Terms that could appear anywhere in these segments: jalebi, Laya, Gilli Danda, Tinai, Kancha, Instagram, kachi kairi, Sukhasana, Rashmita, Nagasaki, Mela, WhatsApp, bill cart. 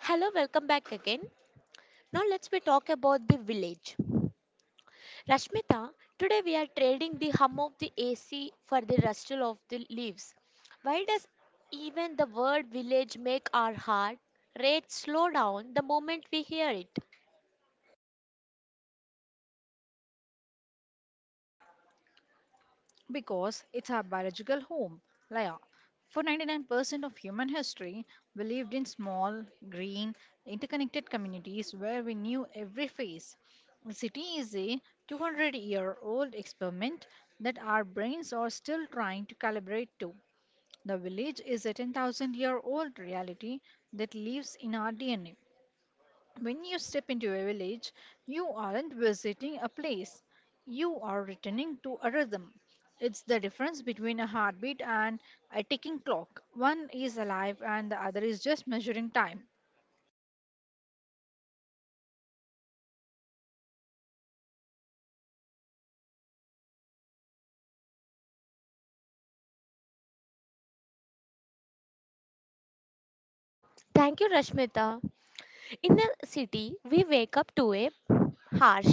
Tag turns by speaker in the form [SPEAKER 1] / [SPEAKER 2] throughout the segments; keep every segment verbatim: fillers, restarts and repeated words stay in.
[SPEAKER 1] Hello, welcome back again. Now let's we talk about the village. Rashmita, today we are trading the hum of the A C for the rustle of the leaves. Why does even the word village make our heart rate slow down the moment we hear it?
[SPEAKER 2] Because it's our biological home, Laya. For ninety-nine percent of human history, we lived in small, green, interconnected communities where we knew every face. The city is a two hundred year old experiment that our brains are still trying to calibrate to. The village is a ten thousand year old reality that lives in our D N A. When you step into a village, you aren't visiting a place, you are returning to a rhythm. It's the difference between a heartbeat and a ticking clock. One is alive and the other is just measuring time.
[SPEAKER 1] Thank you, Rashmita. In the city, we wake up to a harsh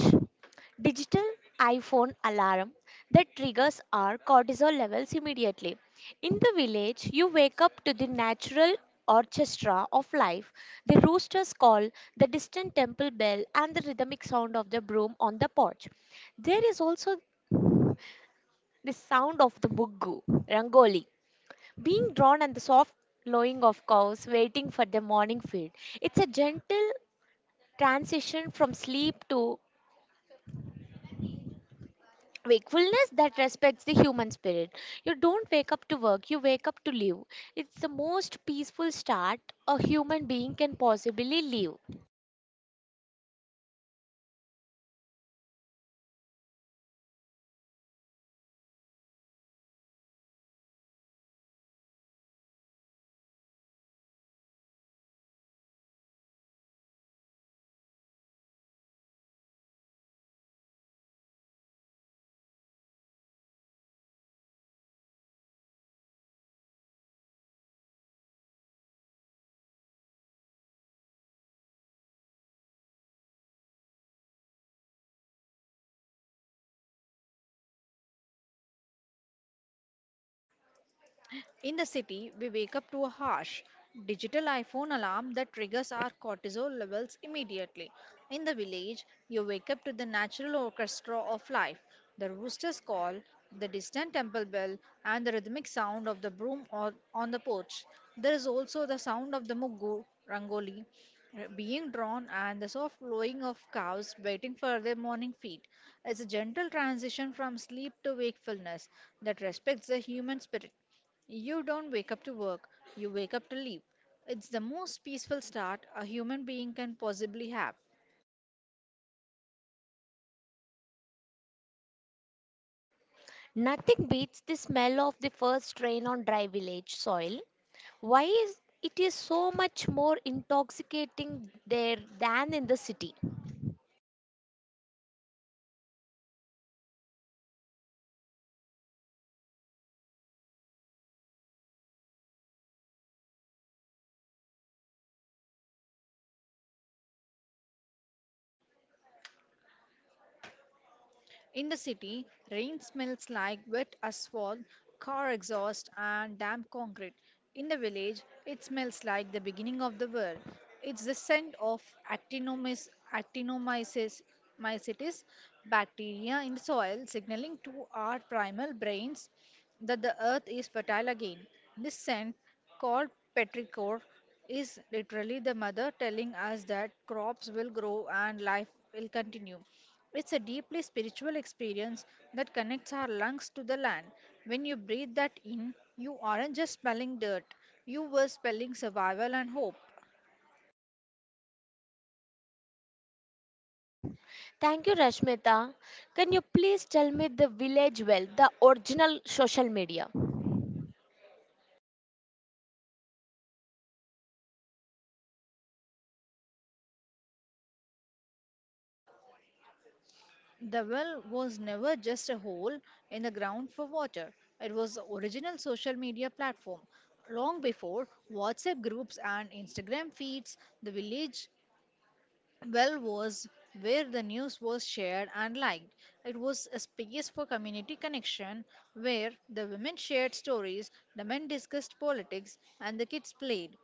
[SPEAKER 1] digital iPhone alarm that triggers our cortisol levels immediately. In the village, you wake up to the natural orchestra of life, the rooster's call, the distant temple bell, and the rhythmic sound of the broom on the porch. There is also the sound of the muggu, rangoli, being drawn and the soft lowing of cows waiting for the morning feed. It's a gentle transition from sleep to wakefulness that respects the human spirit. You don't wake up to work, you wake up to live. It's the most peaceful start a human being can possibly live.
[SPEAKER 2] In the city, we wake up to a harsh digital iPhone alarm that triggers our cortisol levels immediately. In the village, you wake up to the natural orchestra of life, the rooster's call, the distant temple bell, and the rhythmic sound of the broom on on the porch. There is also the sound of the muggu rangoli, uh, being drawn and the soft lowing of cows waiting for their morning feed. It's a gentle transition from sleep to wakefulness that respects the human spirit. You don't wake up to work, you wake up to live. It's the most peaceful start a human being can possibly have.
[SPEAKER 1] Nothing beats the smell of the first rain on dry village soil. Why is it is so much more intoxicating there than in the city?
[SPEAKER 2] In the city, rain smells like wet asphalt, car exhaust, and damp concrete. In the village, it smells like the beginning of the world. It's the scent of actinomys- actinomyces mycetes bacteria in the soil signaling to our primal brains that the earth is fertile again. This scent, called petrichor, is literally the mother telling us that crops will grow and life will continue. It's a deeply spiritual experience that connects our lungs to the land. When you breathe that in, you aren't just smelling dirt, you were spelling survival and hope.
[SPEAKER 1] Thank you, Rashmita. Can you please tell me the village well, the original social media?
[SPEAKER 2] The well was never just a hole in the ground for water. It was the original social media platform. Long before WhatsApp groups and Instagram feeds, the village well was where the news was shared and liked. It was a space for community connection where the women shared stories, the men discussed politics, and the kids played.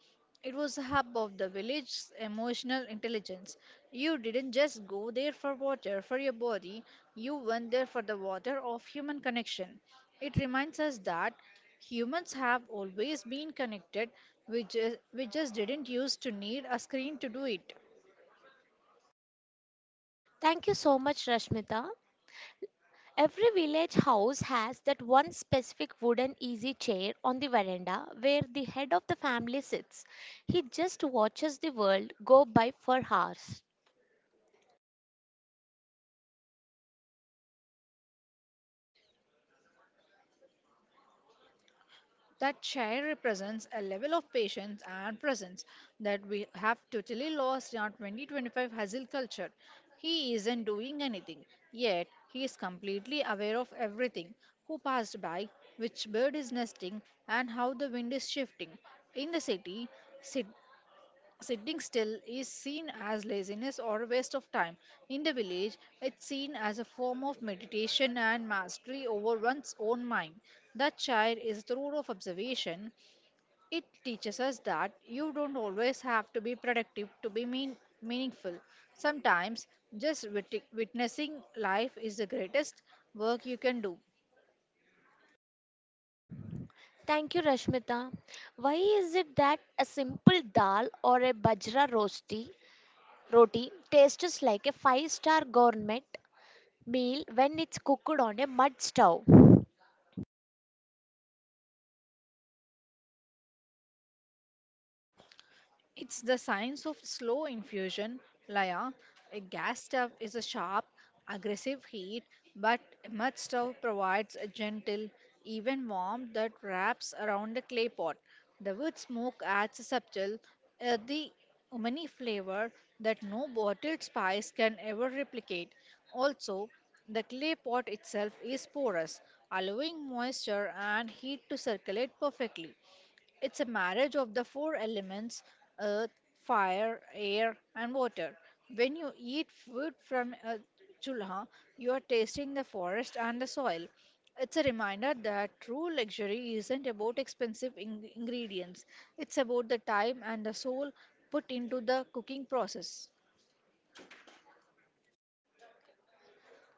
[SPEAKER 2] It was a hub of the village's emotional intelligence. You didn't just go there for water for your body, you went there for the water of human connection. It reminds us that humans have always been connected, we just, we just didn't used to need a screen to do it.
[SPEAKER 1] Thank you so much, Rashmita. Every village house has that one specific wooden easy chair on the veranda where the head of the family sits. He just watches the world go by for hours.
[SPEAKER 2] That chair represents a level of patience and presence that we have totally lost in our twenty twenty-five hustle culture. He isn't doing anything, yet he is completely aware of everything: who passed by, which bird is nesting, and how the wind is shifting. In the city, sit Sitting still is seen as laziness or a waste of time. In the village, it's seen as a form of meditation and mastery over one's own mind. That chair is the rule of observation. It teaches us that you don't always have to be productive to be mean, meaningful. Sometimes just wit- witnessing life is the greatest work you can do.
[SPEAKER 1] Thank you, Rashmita. Why is it that a simple dal or a bajra rosti roti tastes like a five star gourmet meal when it's cooked on a mud stove?
[SPEAKER 2] It's the science of slow infusion, Laya. A gas stove is a sharp, aggressive heat, but a mud stove provides a gentle, even warmth that wraps around the clay pot. The wood smoke adds a subtle, earthy, umami flavor that no bottled spice can ever replicate. Also, the clay pot itself is porous, allowing moisture and heat to circulate perfectly. It's a marriage of the four elements: earth, fire, air, and water. When you eat food from a chulha, you are tasting the forest and the soil. It's a reminder that true luxury isn't about expensive ing- ingredients, it's about the time and the soul put into the cooking process.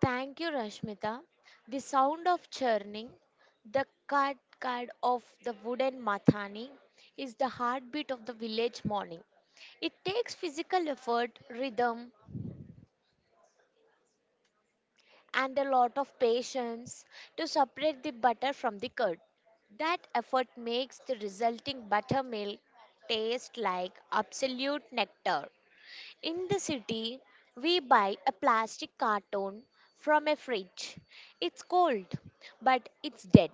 [SPEAKER 1] Thank you, Rashmita. The sound of churning, the card card of the wooden mathani, is the heartbeat of the village morning. It takes physical effort, rhythm, and a lot of patience to separate the butter from the curd. That effort makes the resulting buttermilk taste like absolute nectar. In the city, we buy a plastic carton from a fridge. It's cold, but it's dead.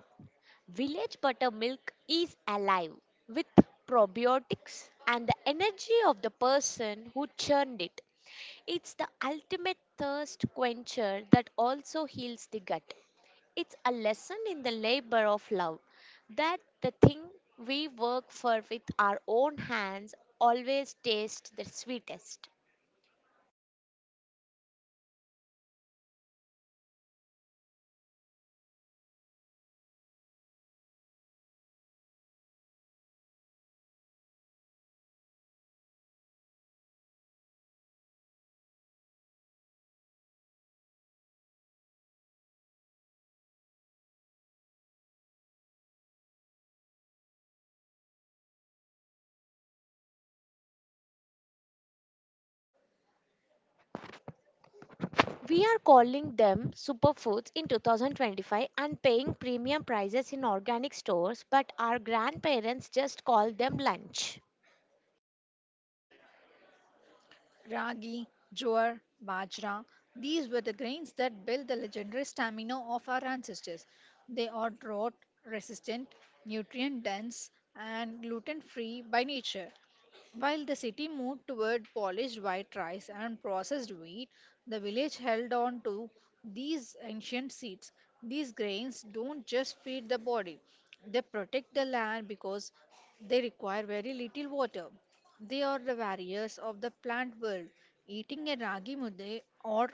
[SPEAKER 1] Village buttermilk is alive with probiotics and the energy of the person who churned it. It's the ultimate thirst quencher that also heals the gut. It's a lesson in the labor of love that the thing we work for with our own hands always tastes the sweetest. We are calling them superfoods in twenty twenty-five and paying premium prices in organic stores, but our grandparents just called them lunch.
[SPEAKER 2] Ragi, jowar, bajra, these were the grains that built the legendary stamina of our ancestors. They are drought resistant, nutrient dense, and gluten free by nature. While the city moved toward polished white rice and processed wheat, the village held on to these ancient seeds. These grains don't just feed the body, they protect the land because they require very little water. They are the warriors of the plant world. Eating a ragi mudde or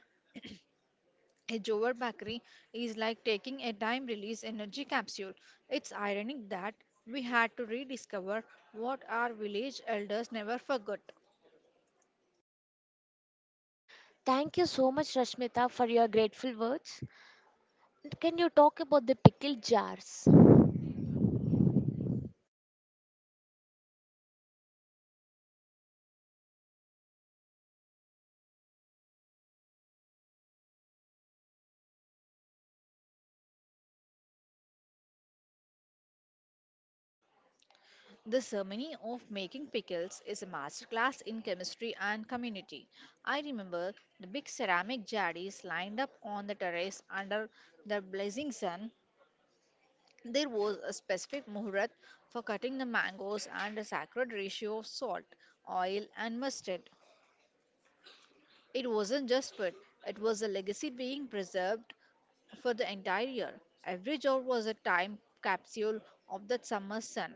[SPEAKER 2] a jowar bakri is like taking a time release energy capsule. It's ironic that we had to rediscover what our village elders never forgot.
[SPEAKER 1] Thank you so much, Rashmita, for your grateful words. Can you talk about the pickle jars?
[SPEAKER 2] The ceremony of making pickles is a masterclass in chemistry and community. I remember the big ceramic jadis lined up on the terrace under the blazing sun. There was a specific muhurat for cutting the mangoes and a sacred ratio of salt, oil, and mustard. It wasn't just food, it was a legacy being preserved for the entire year. Every jar was a time capsule of that summer's sun.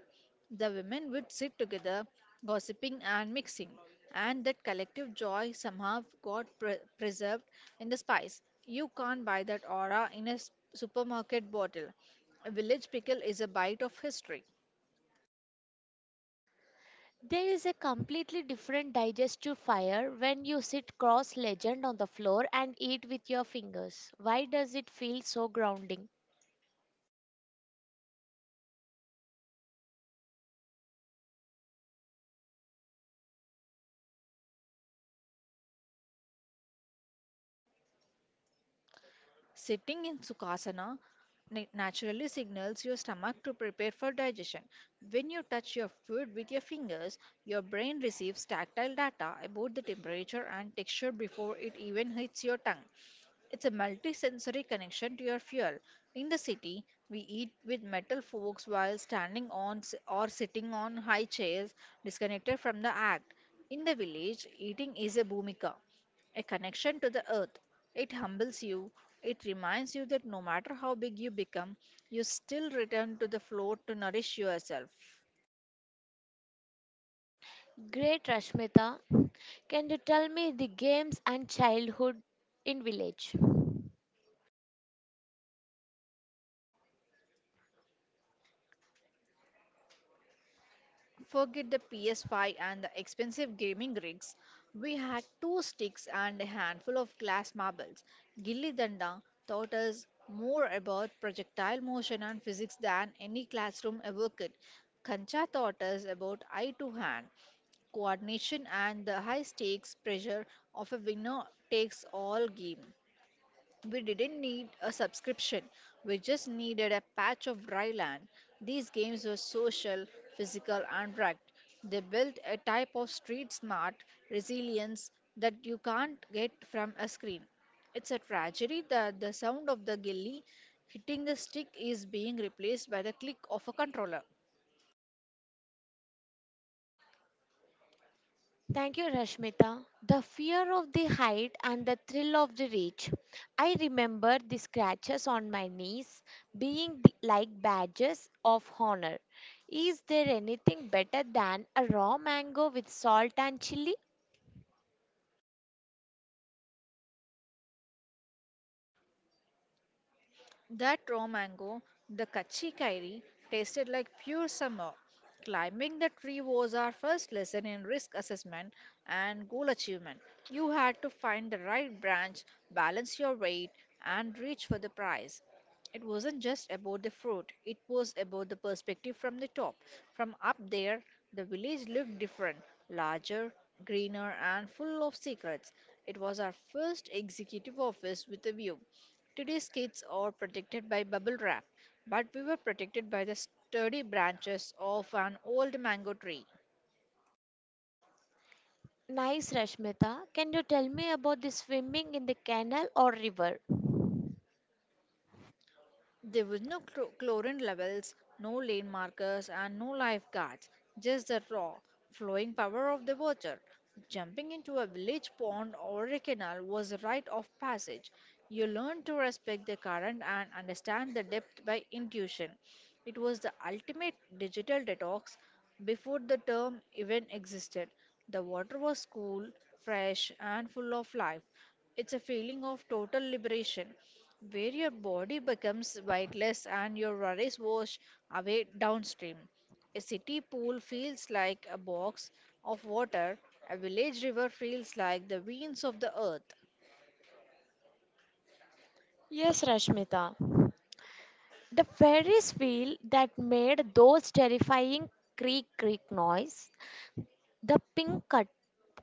[SPEAKER 2] The women would sit together, gossiping and mixing, and that collective joy somehow got pre- preserved in the spice. You can't buy that aura in a s- supermarket bottle. A village pickle is a bite of history.
[SPEAKER 1] There is a completely different digestive fire when you sit cross legged on the floor and eat with your fingers. Why does it feel so grounding?
[SPEAKER 2] Sitting in Sukhasana na- naturally signals your stomach to prepare for digestion. When you touch your food with your fingers, your brain receives tactile data about the temperature and texture before it even hits your tongue. It's a multi-sensory connection to your fuel. In the city, we eat with metal forks while standing on s- or sitting on high chairs, disconnected from the act. In the village, eating is a bhumika, a connection to the earth. It humbles you, it reminds you that no matter how big you become, you still return to the floor to nourish yourself.
[SPEAKER 1] Great, Rashmita. Can you tell me the games and childhood in village?
[SPEAKER 2] Forget the P S five and the expensive gaming rigs. We had two sticks and a handful of glass marbles. Gilli Danda taught us more about projectile motion and physics than any classroom ever could. Kancha taught us about eye to hand coordination and the high stakes pressure of a winner takes all game. We didn't need a subscription, we just needed a patch of dry land. These games were social, physical, and bragged. They built a type of street smart resilience that you can't get from a screen. It's a tragedy that the sound of the gilly hitting the stick is being replaced by the click of a controller.
[SPEAKER 1] Thank you, Rashmita. The fear of the height and the thrill of the reach. I remember the scratches on my knees being the- like badges of honor. Is there anything better than a raw mango with salt and chili?
[SPEAKER 2] That raw mango, the kachi kairi, tasted like pure summer. Climbing the tree was our first lesson in risk assessment and goal achievement. You had to find the right branch, balance your weight, and reach for the prize. It wasn't just about the fruit, it was about the perspective from the top. From up there, the village looked different, larger, greener, and full of secrets. It was our first executive office with a view. Today's kids are protected by bubble wrap, but we were protected by the sturdy branches of an old mango tree.
[SPEAKER 1] Nice, Rashmita. Can you tell me about the swimming in the canal or river?
[SPEAKER 2] There was no clo- chlorine levels, no lane markers, and no lifeguards, just the raw, flowing power of the water. Jumping into a village pond or a canal was a rite of passage. You learned to respect the current and understand the depth by intuition. It was the ultimate digital detox before the term even existed. The water was cool, fresh, and full of life. It's a feeling of total liberation where your body becomes weightless and your worries wash away downstream. A city pool feels like a box of water, a village river feels like the veins of the earth.
[SPEAKER 1] Yes, Rashmita. The Ferris wheel that made those terrifying creak creak noise. The pink cut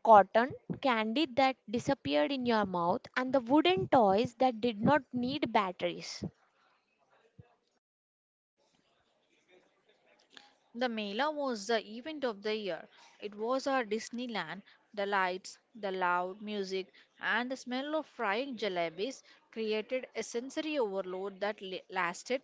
[SPEAKER 1] cotton candy that disappeared in your mouth and the wooden toys that did not need batteries.
[SPEAKER 2] The Mela was the event of the year. It was our Disneyland. The lights, the loud music, and the smell of frying jalebis created a sensory overload that la- lasted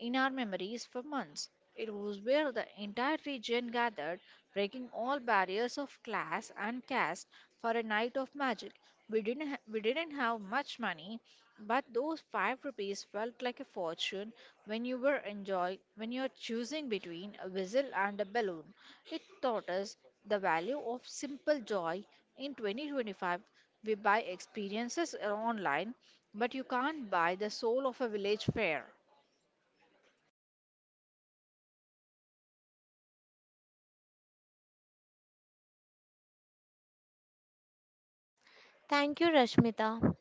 [SPEAKER 2] in our memories for months. It was where the entire region gathered, breaking all barriers of class and caste for a night of magic. We didn't ha- we didn't have much money, but those five rupees felt like a fortune when you were enjoy when you're choosing between a whistle and a balloon. It taught us the value of simple joy. In twenty twenty-five, we buy experiences online, but you can't buy the soul of a village fair.
[SPEAKER 1] Thank you, Rashmita.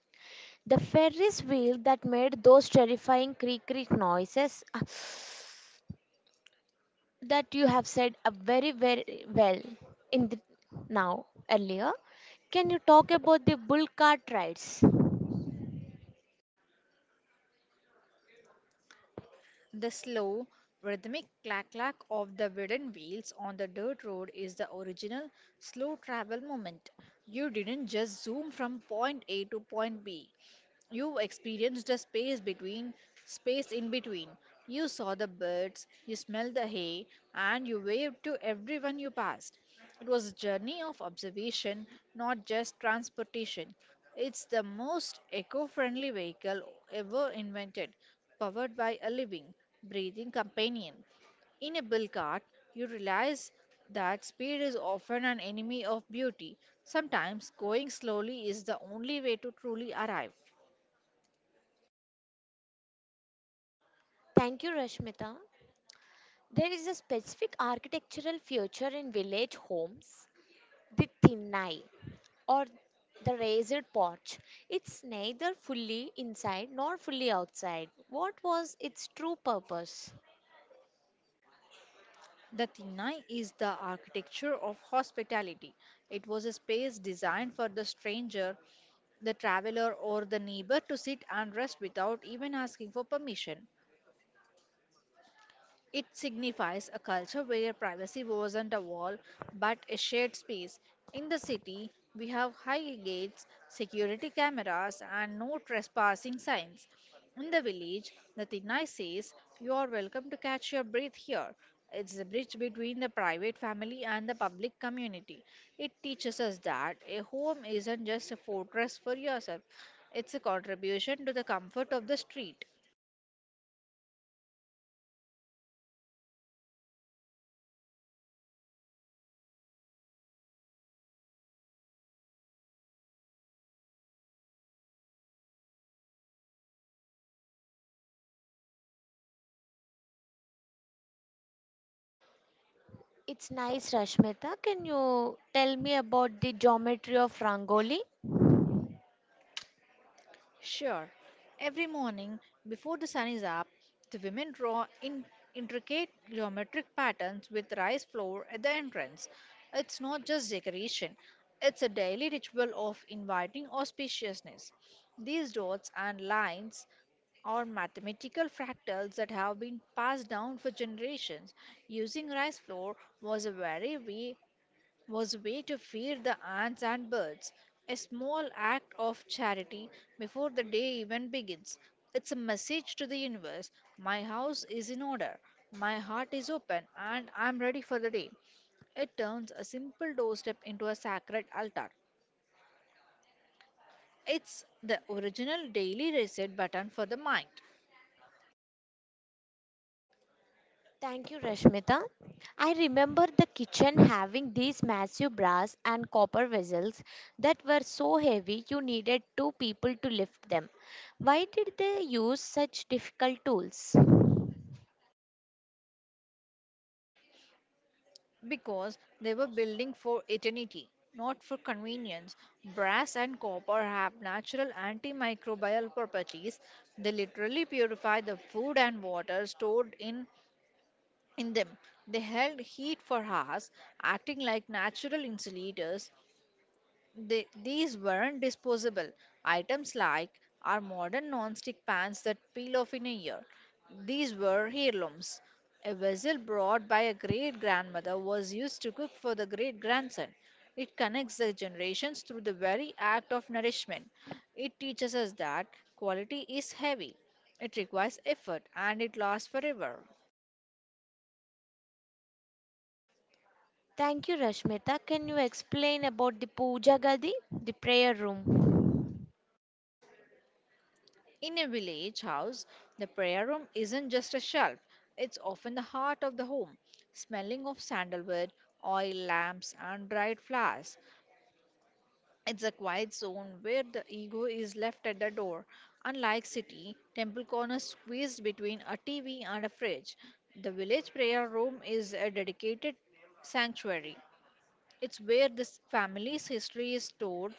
[SPEAKER 1] The Ferris wheel that made those terrifying creak creak noises ah, that you have said ah, very very well in the, now earlier. Can you talk about the bull cart rides?
[SPEAKER 2] The slow, rhythmic clack clack of the wooden wheels on the dirt road is the original slow travel moment. You didn't just zoom from point A to point B. You experienced the space between, space in between. You saw the birds, you smelled the hay, and you waved to everyone you passed. It was a journey of observation, not just transportation. It's the most eco friendly vehicle ever invented, powered by a living, breathing companion. In a bill cart, you realize that speed is often an enemy of beauty. Sometimes going slowly is the only way to truly arrive.
[SPEAKER 1] Thank you, Rashmita. There is a specific architectural feature in village homes, the Thinnai, or the raised porch. It's neither fully inside nor fully outside. What was its true purpose?
[SPEAKER 2] The Tinai is the architecture of hospitality. It was a space designed for the stranger, the traveler, or the neighbor to sit and rest without even asking for permission. It signifies a culture where privacy wasn't a wall but a shared space. In the city, we have high gates, security cameras, and no trespassing signs. In the village, the Tinai says, "You are welcome to catch your breath here." It's the bridge between the private family and the public community. It teaches us that a home isn't just a fortress for yourself, it's a contribution to the comfort of the street.
[SPEAKER 1] It's nice, Rashmita. Can you tell me about the geometry of Rangoli?
[SPEAKER 2] Sure, every morning before the sun is up, the women draw in intricate geometric patterns with rice flour at the entrance. It's not just decoration, it's a daily ritual of inviting auspiciousness. These dots and lines are mathematical fractals that have been passed down for generations. Using rice flour was a very way was a way to feed the ants and birds, a small act of charity before the day even begins. It's a message to the universe: my house is in order, my heart is open, and I'm ready for the day. It turns a simple doorstep into a sacred altar. It's the original daily reset button for the mind.
[SPEAKER 1] Thank you, Rashmita. I remember the kitchen having these massive brass and copper vessels that were so heavy you needed two people to lift them. Why did they use such difficult tools?
[SPEAKER 2] Because they were building for eternity, not for convenience. Brass and copper have natural antimicrobial properties. They literally purify the food and water stored in, in them. They held heat for hours, acting like natural insulators. They, these weren't disposable items like our modern non-stick pans that peel off in a year. These were heirlooms. A vessel brought by a great-grandmother was used to cook for the great-grandson. It connects the generations through the very act of nourishment. It teaches us that quality is heavy. It requires effort and it lasts forever.
[SPEAKER 1] Thank you, Rashmita. Can you explain about the Puja Gadi, the prayer room?
[SPEAKER 2] In a village house, the prayer room isn't just a shelf, it's often the heart of the home, smelling of sandalwood, oil lamps, and dried flowers. It's a quiet zone where the ego is left at the door. Unlike city temple corners squeezed between a T V and a fridge, the village prayer room is a dedicated sanctuary. It's where this family's history is stored: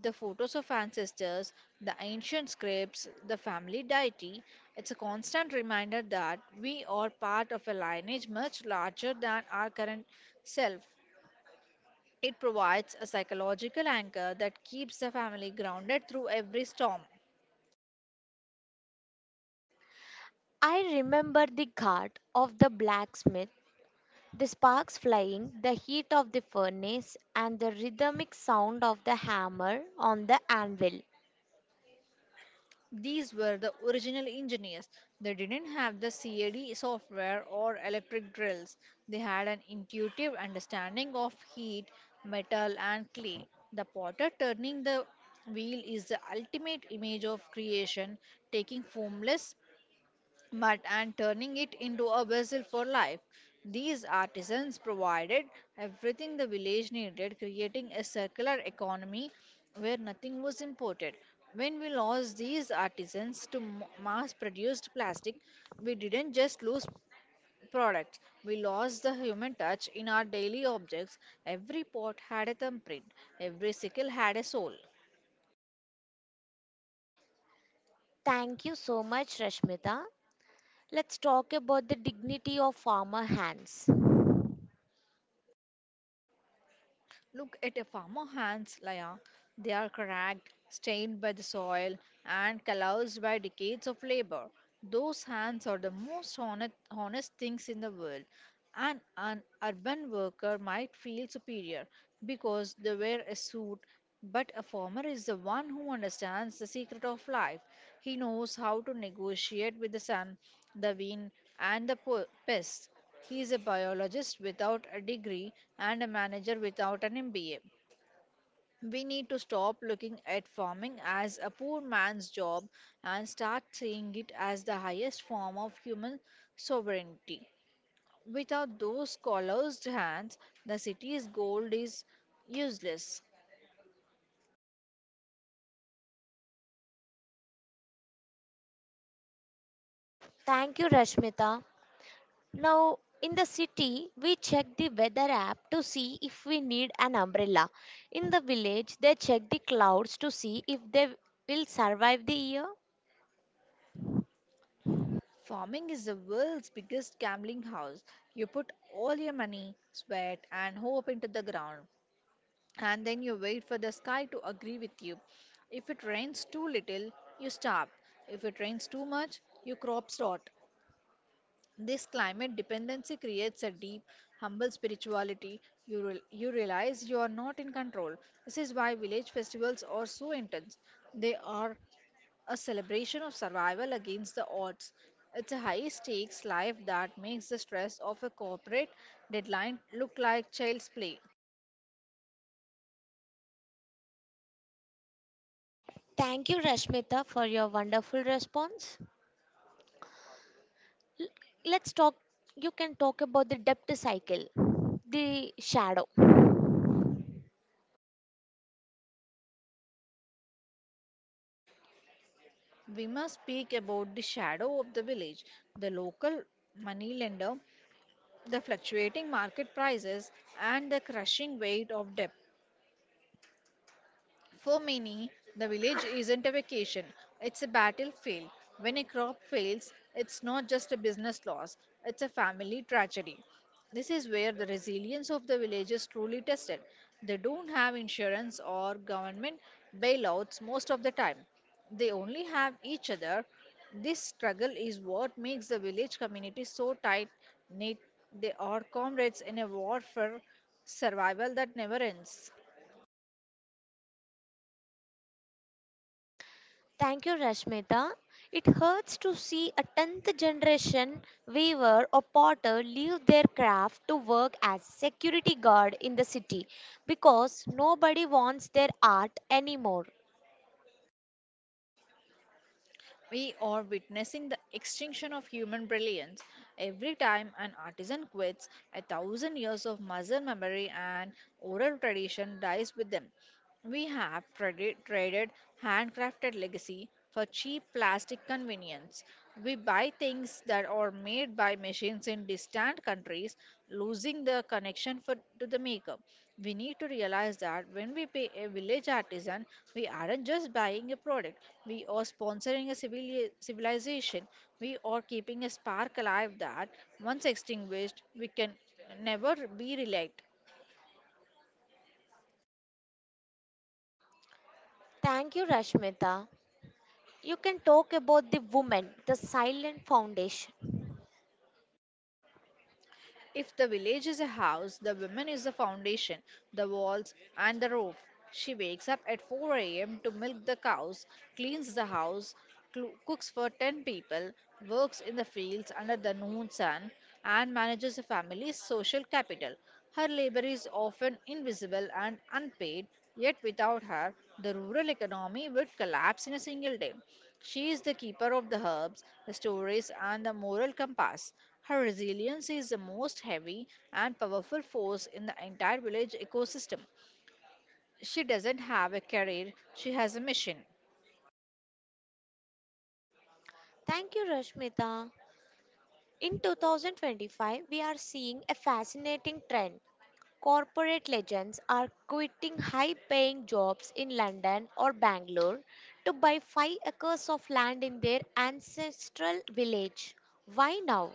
[SPEAKER 2] the photos of ancestors, the ancient scripts, the family deity. It's a constant reminder that we are part of a lineage much larger than our current self. It provides a psychological anchor that keeps the family grounded through every storm.
[SPEAKER 1] I remember the ghat of the blacksmith, the sparks flying, the heat of the furnace, and the rhythmic sound of the hammer on the anvil.
[SPEAKER 2] These were the original engineers. They didn't have the CAD software or electric drills. They had an intuitive understanding of heat, metal, and clay. The potter turning the wheel is the ultimate image of creation, taking formless mud and turning it into a vessel for life. These artisans provided everything the village needed, creating a circular economy where nothing was imported. When we lost these artisans to mass produced plastic, we didn't just lose products. We lost the human touch in our daily objects. Every pot had a thumbprint, every sickle had a soul.
[SPEAKER 1] Thank you so much, Rashmita. Let's talk about the dignity of farmer hands.
[SPEAKER 2] Look at a farmer hands, Laya. They are cracked, stained by the soil, and calloused by decades of labor. Those hands are the most honest, honest things in the world. And an urban worker might feel superior because they wear a suit, but a farmer is the one who understands the secret of life. He knows how to negotiate with the sun, the wind, and the po- pests. He is a biologist without a degree and a manager without an M B A. We need to stop looking at farming as a poor man's job and start seeing it as the highest form of human sovereignty. Without those calloused hands, the city's gold is useless.
[SPEAKER 1] Thank you, Rashmita. Now, in the city, we check the weather app to see if we need an umbrella. In the village, they check the clouds to see if they will survive the year.
[SPEAKER 2] Farming is the world's biggest gambling house. You put all your money, sweat, and hope into the ground, and then you wait for the sky to agree with you. If it rains too little, you starve. If it rains too much, your crops rot. This climate dependency creates a deep, humble spirituality. You, real you realize you are not in control. This is why village festivals are so intense. They are a celebration of survival against the odds. It's a high stakes life that makes the stress of a corporate deadline look like child's play.
[SPEAKER 1] Thank you, Rashmita, for your wonderful response. L- Let's talk, you can talk about the depth cycle, the shadow.
[SPEAKER 2] We must speak about the shadow of the village: the local moneylender, the fluctuating market prices, and the crushing weight of debt. For many, the village isn't a vacation, it's a battlefield. When a crop fails, it's not just a business loss, it's a family tragedy. This is where the resilience of the village is truly tested. They don't have insurance or government bailouts most of the time. They only have each other. This struggle is what makes the village community so tight knit. They are comrades in a war for survival that never ends.
[SPEAKER 1] Thank you, Rashmita. It hurts to see a tenth generation weaver or potter leave their craft to work as security guard in the city because nobody wants their art anymore.
[SPEAKER 2] We are witnessing the extinction of human brilliance. Every time an artisan quits, a thousand years of muscle memory and oral tradition dies with them. We have tradi- traded handcrafted legacy for cheap plastic convenience. We buy things that are made by machines in distant countries, losing the connection for, to the maker. We need to realize that when we pay a village artisan, we aren't just buying a product, we are sponsoring a civili- civilization. We are keeping a spark alive that, once extinguished, we can never be relight.
[SPEAKER 1] Thank you, Rashmita. You can talk about the woman, the silent foundation.
[SPEAKER 2] If the village is a house, the woman is the foundation, the walls, and the roof. She wakes up at four a m to milk the cows, cleans the house, clo- cooks for ten people, works in the fields under the noon sun, and manages a family's social capital. Her labor is often invisible and unpaid, yet without her, the rural economy would collapse in a single day. She is the keeper of the herbs, the stories, and the moral compass. Her resilience is the most heavy and powerful force in the entire village ecosystem. She doesn't have a career, she has a mission.
[SPEAKER 1] Thank you, Rashmita. In twenty twenty-five, we are seeing a fascinating trend. Corporate legends are quitting high paying jobs in London or Bangalore to buy five acres of land in their ancestral village. Why now?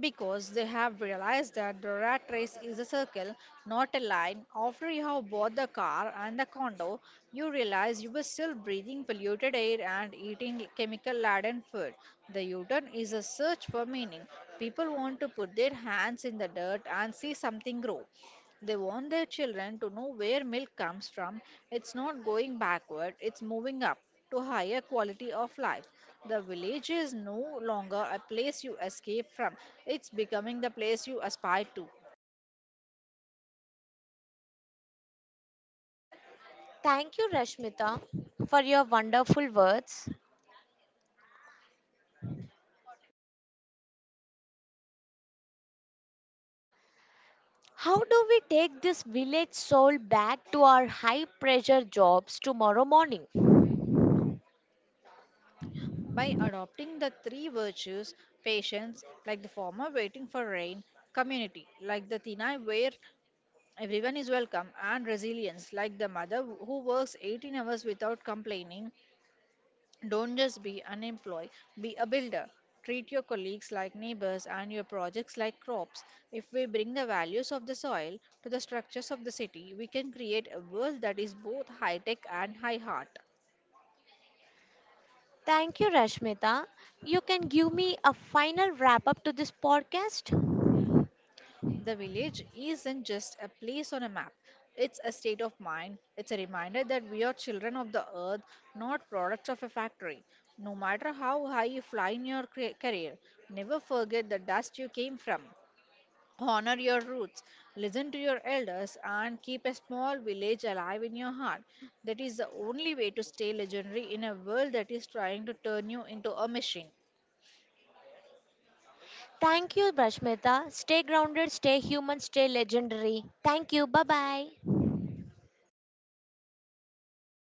[SPEAKER 2] Because they have realized that the rat race is a circle, not a line. After you have bought the car and the condo, you realize you were still breathing polluted air and eating chemical laden food. The U turn is a search for meaning. People want to put their hands in the dirt and see something grow. They want their children to know where milk comes from. It's not going backward, it's moving up to higher quality of life. The village is no longer a place you escape from, it's becoming the place you aspire to.
[SPEAKER 1] Thank you, Rashmita, for your wonderful words. How do we take this village soul back to our high pressure jobs tomorrow morning?
[SPEAKER 2] By adopting the three virtues: patience, like the farmer waiting for rain; community, like the Tinai where everyone is welcome; and resilience, like the mother who works eighteen hours without complaining. Don't just be an employee, be a builder. Treat your colleagues like neighbors and your projects like crops. If we bring the values of the soil to the structures of the city, we can create a world that is both high tech and high heart.
[SPEAKER 1] Thank you, Rashmita. You can give me a final wrap up to this podcast?
[SPEAKER 2] The village isn't just a place on a map, it's a state of mind. It's a reminder that we are children of the earth, not products of a factory. No matter how high you fly in your cra- career, never forget the dust you came from. Honor your roots, listen to your elders, and keep a small village alive in your heart. That is the only way to stay legendary in a world that is trying to turn you into a machine.
[SPEAKER 1] Thank you, Rashmita. Stay grounded, stay human, stay legendary. Thank you. Bye bye.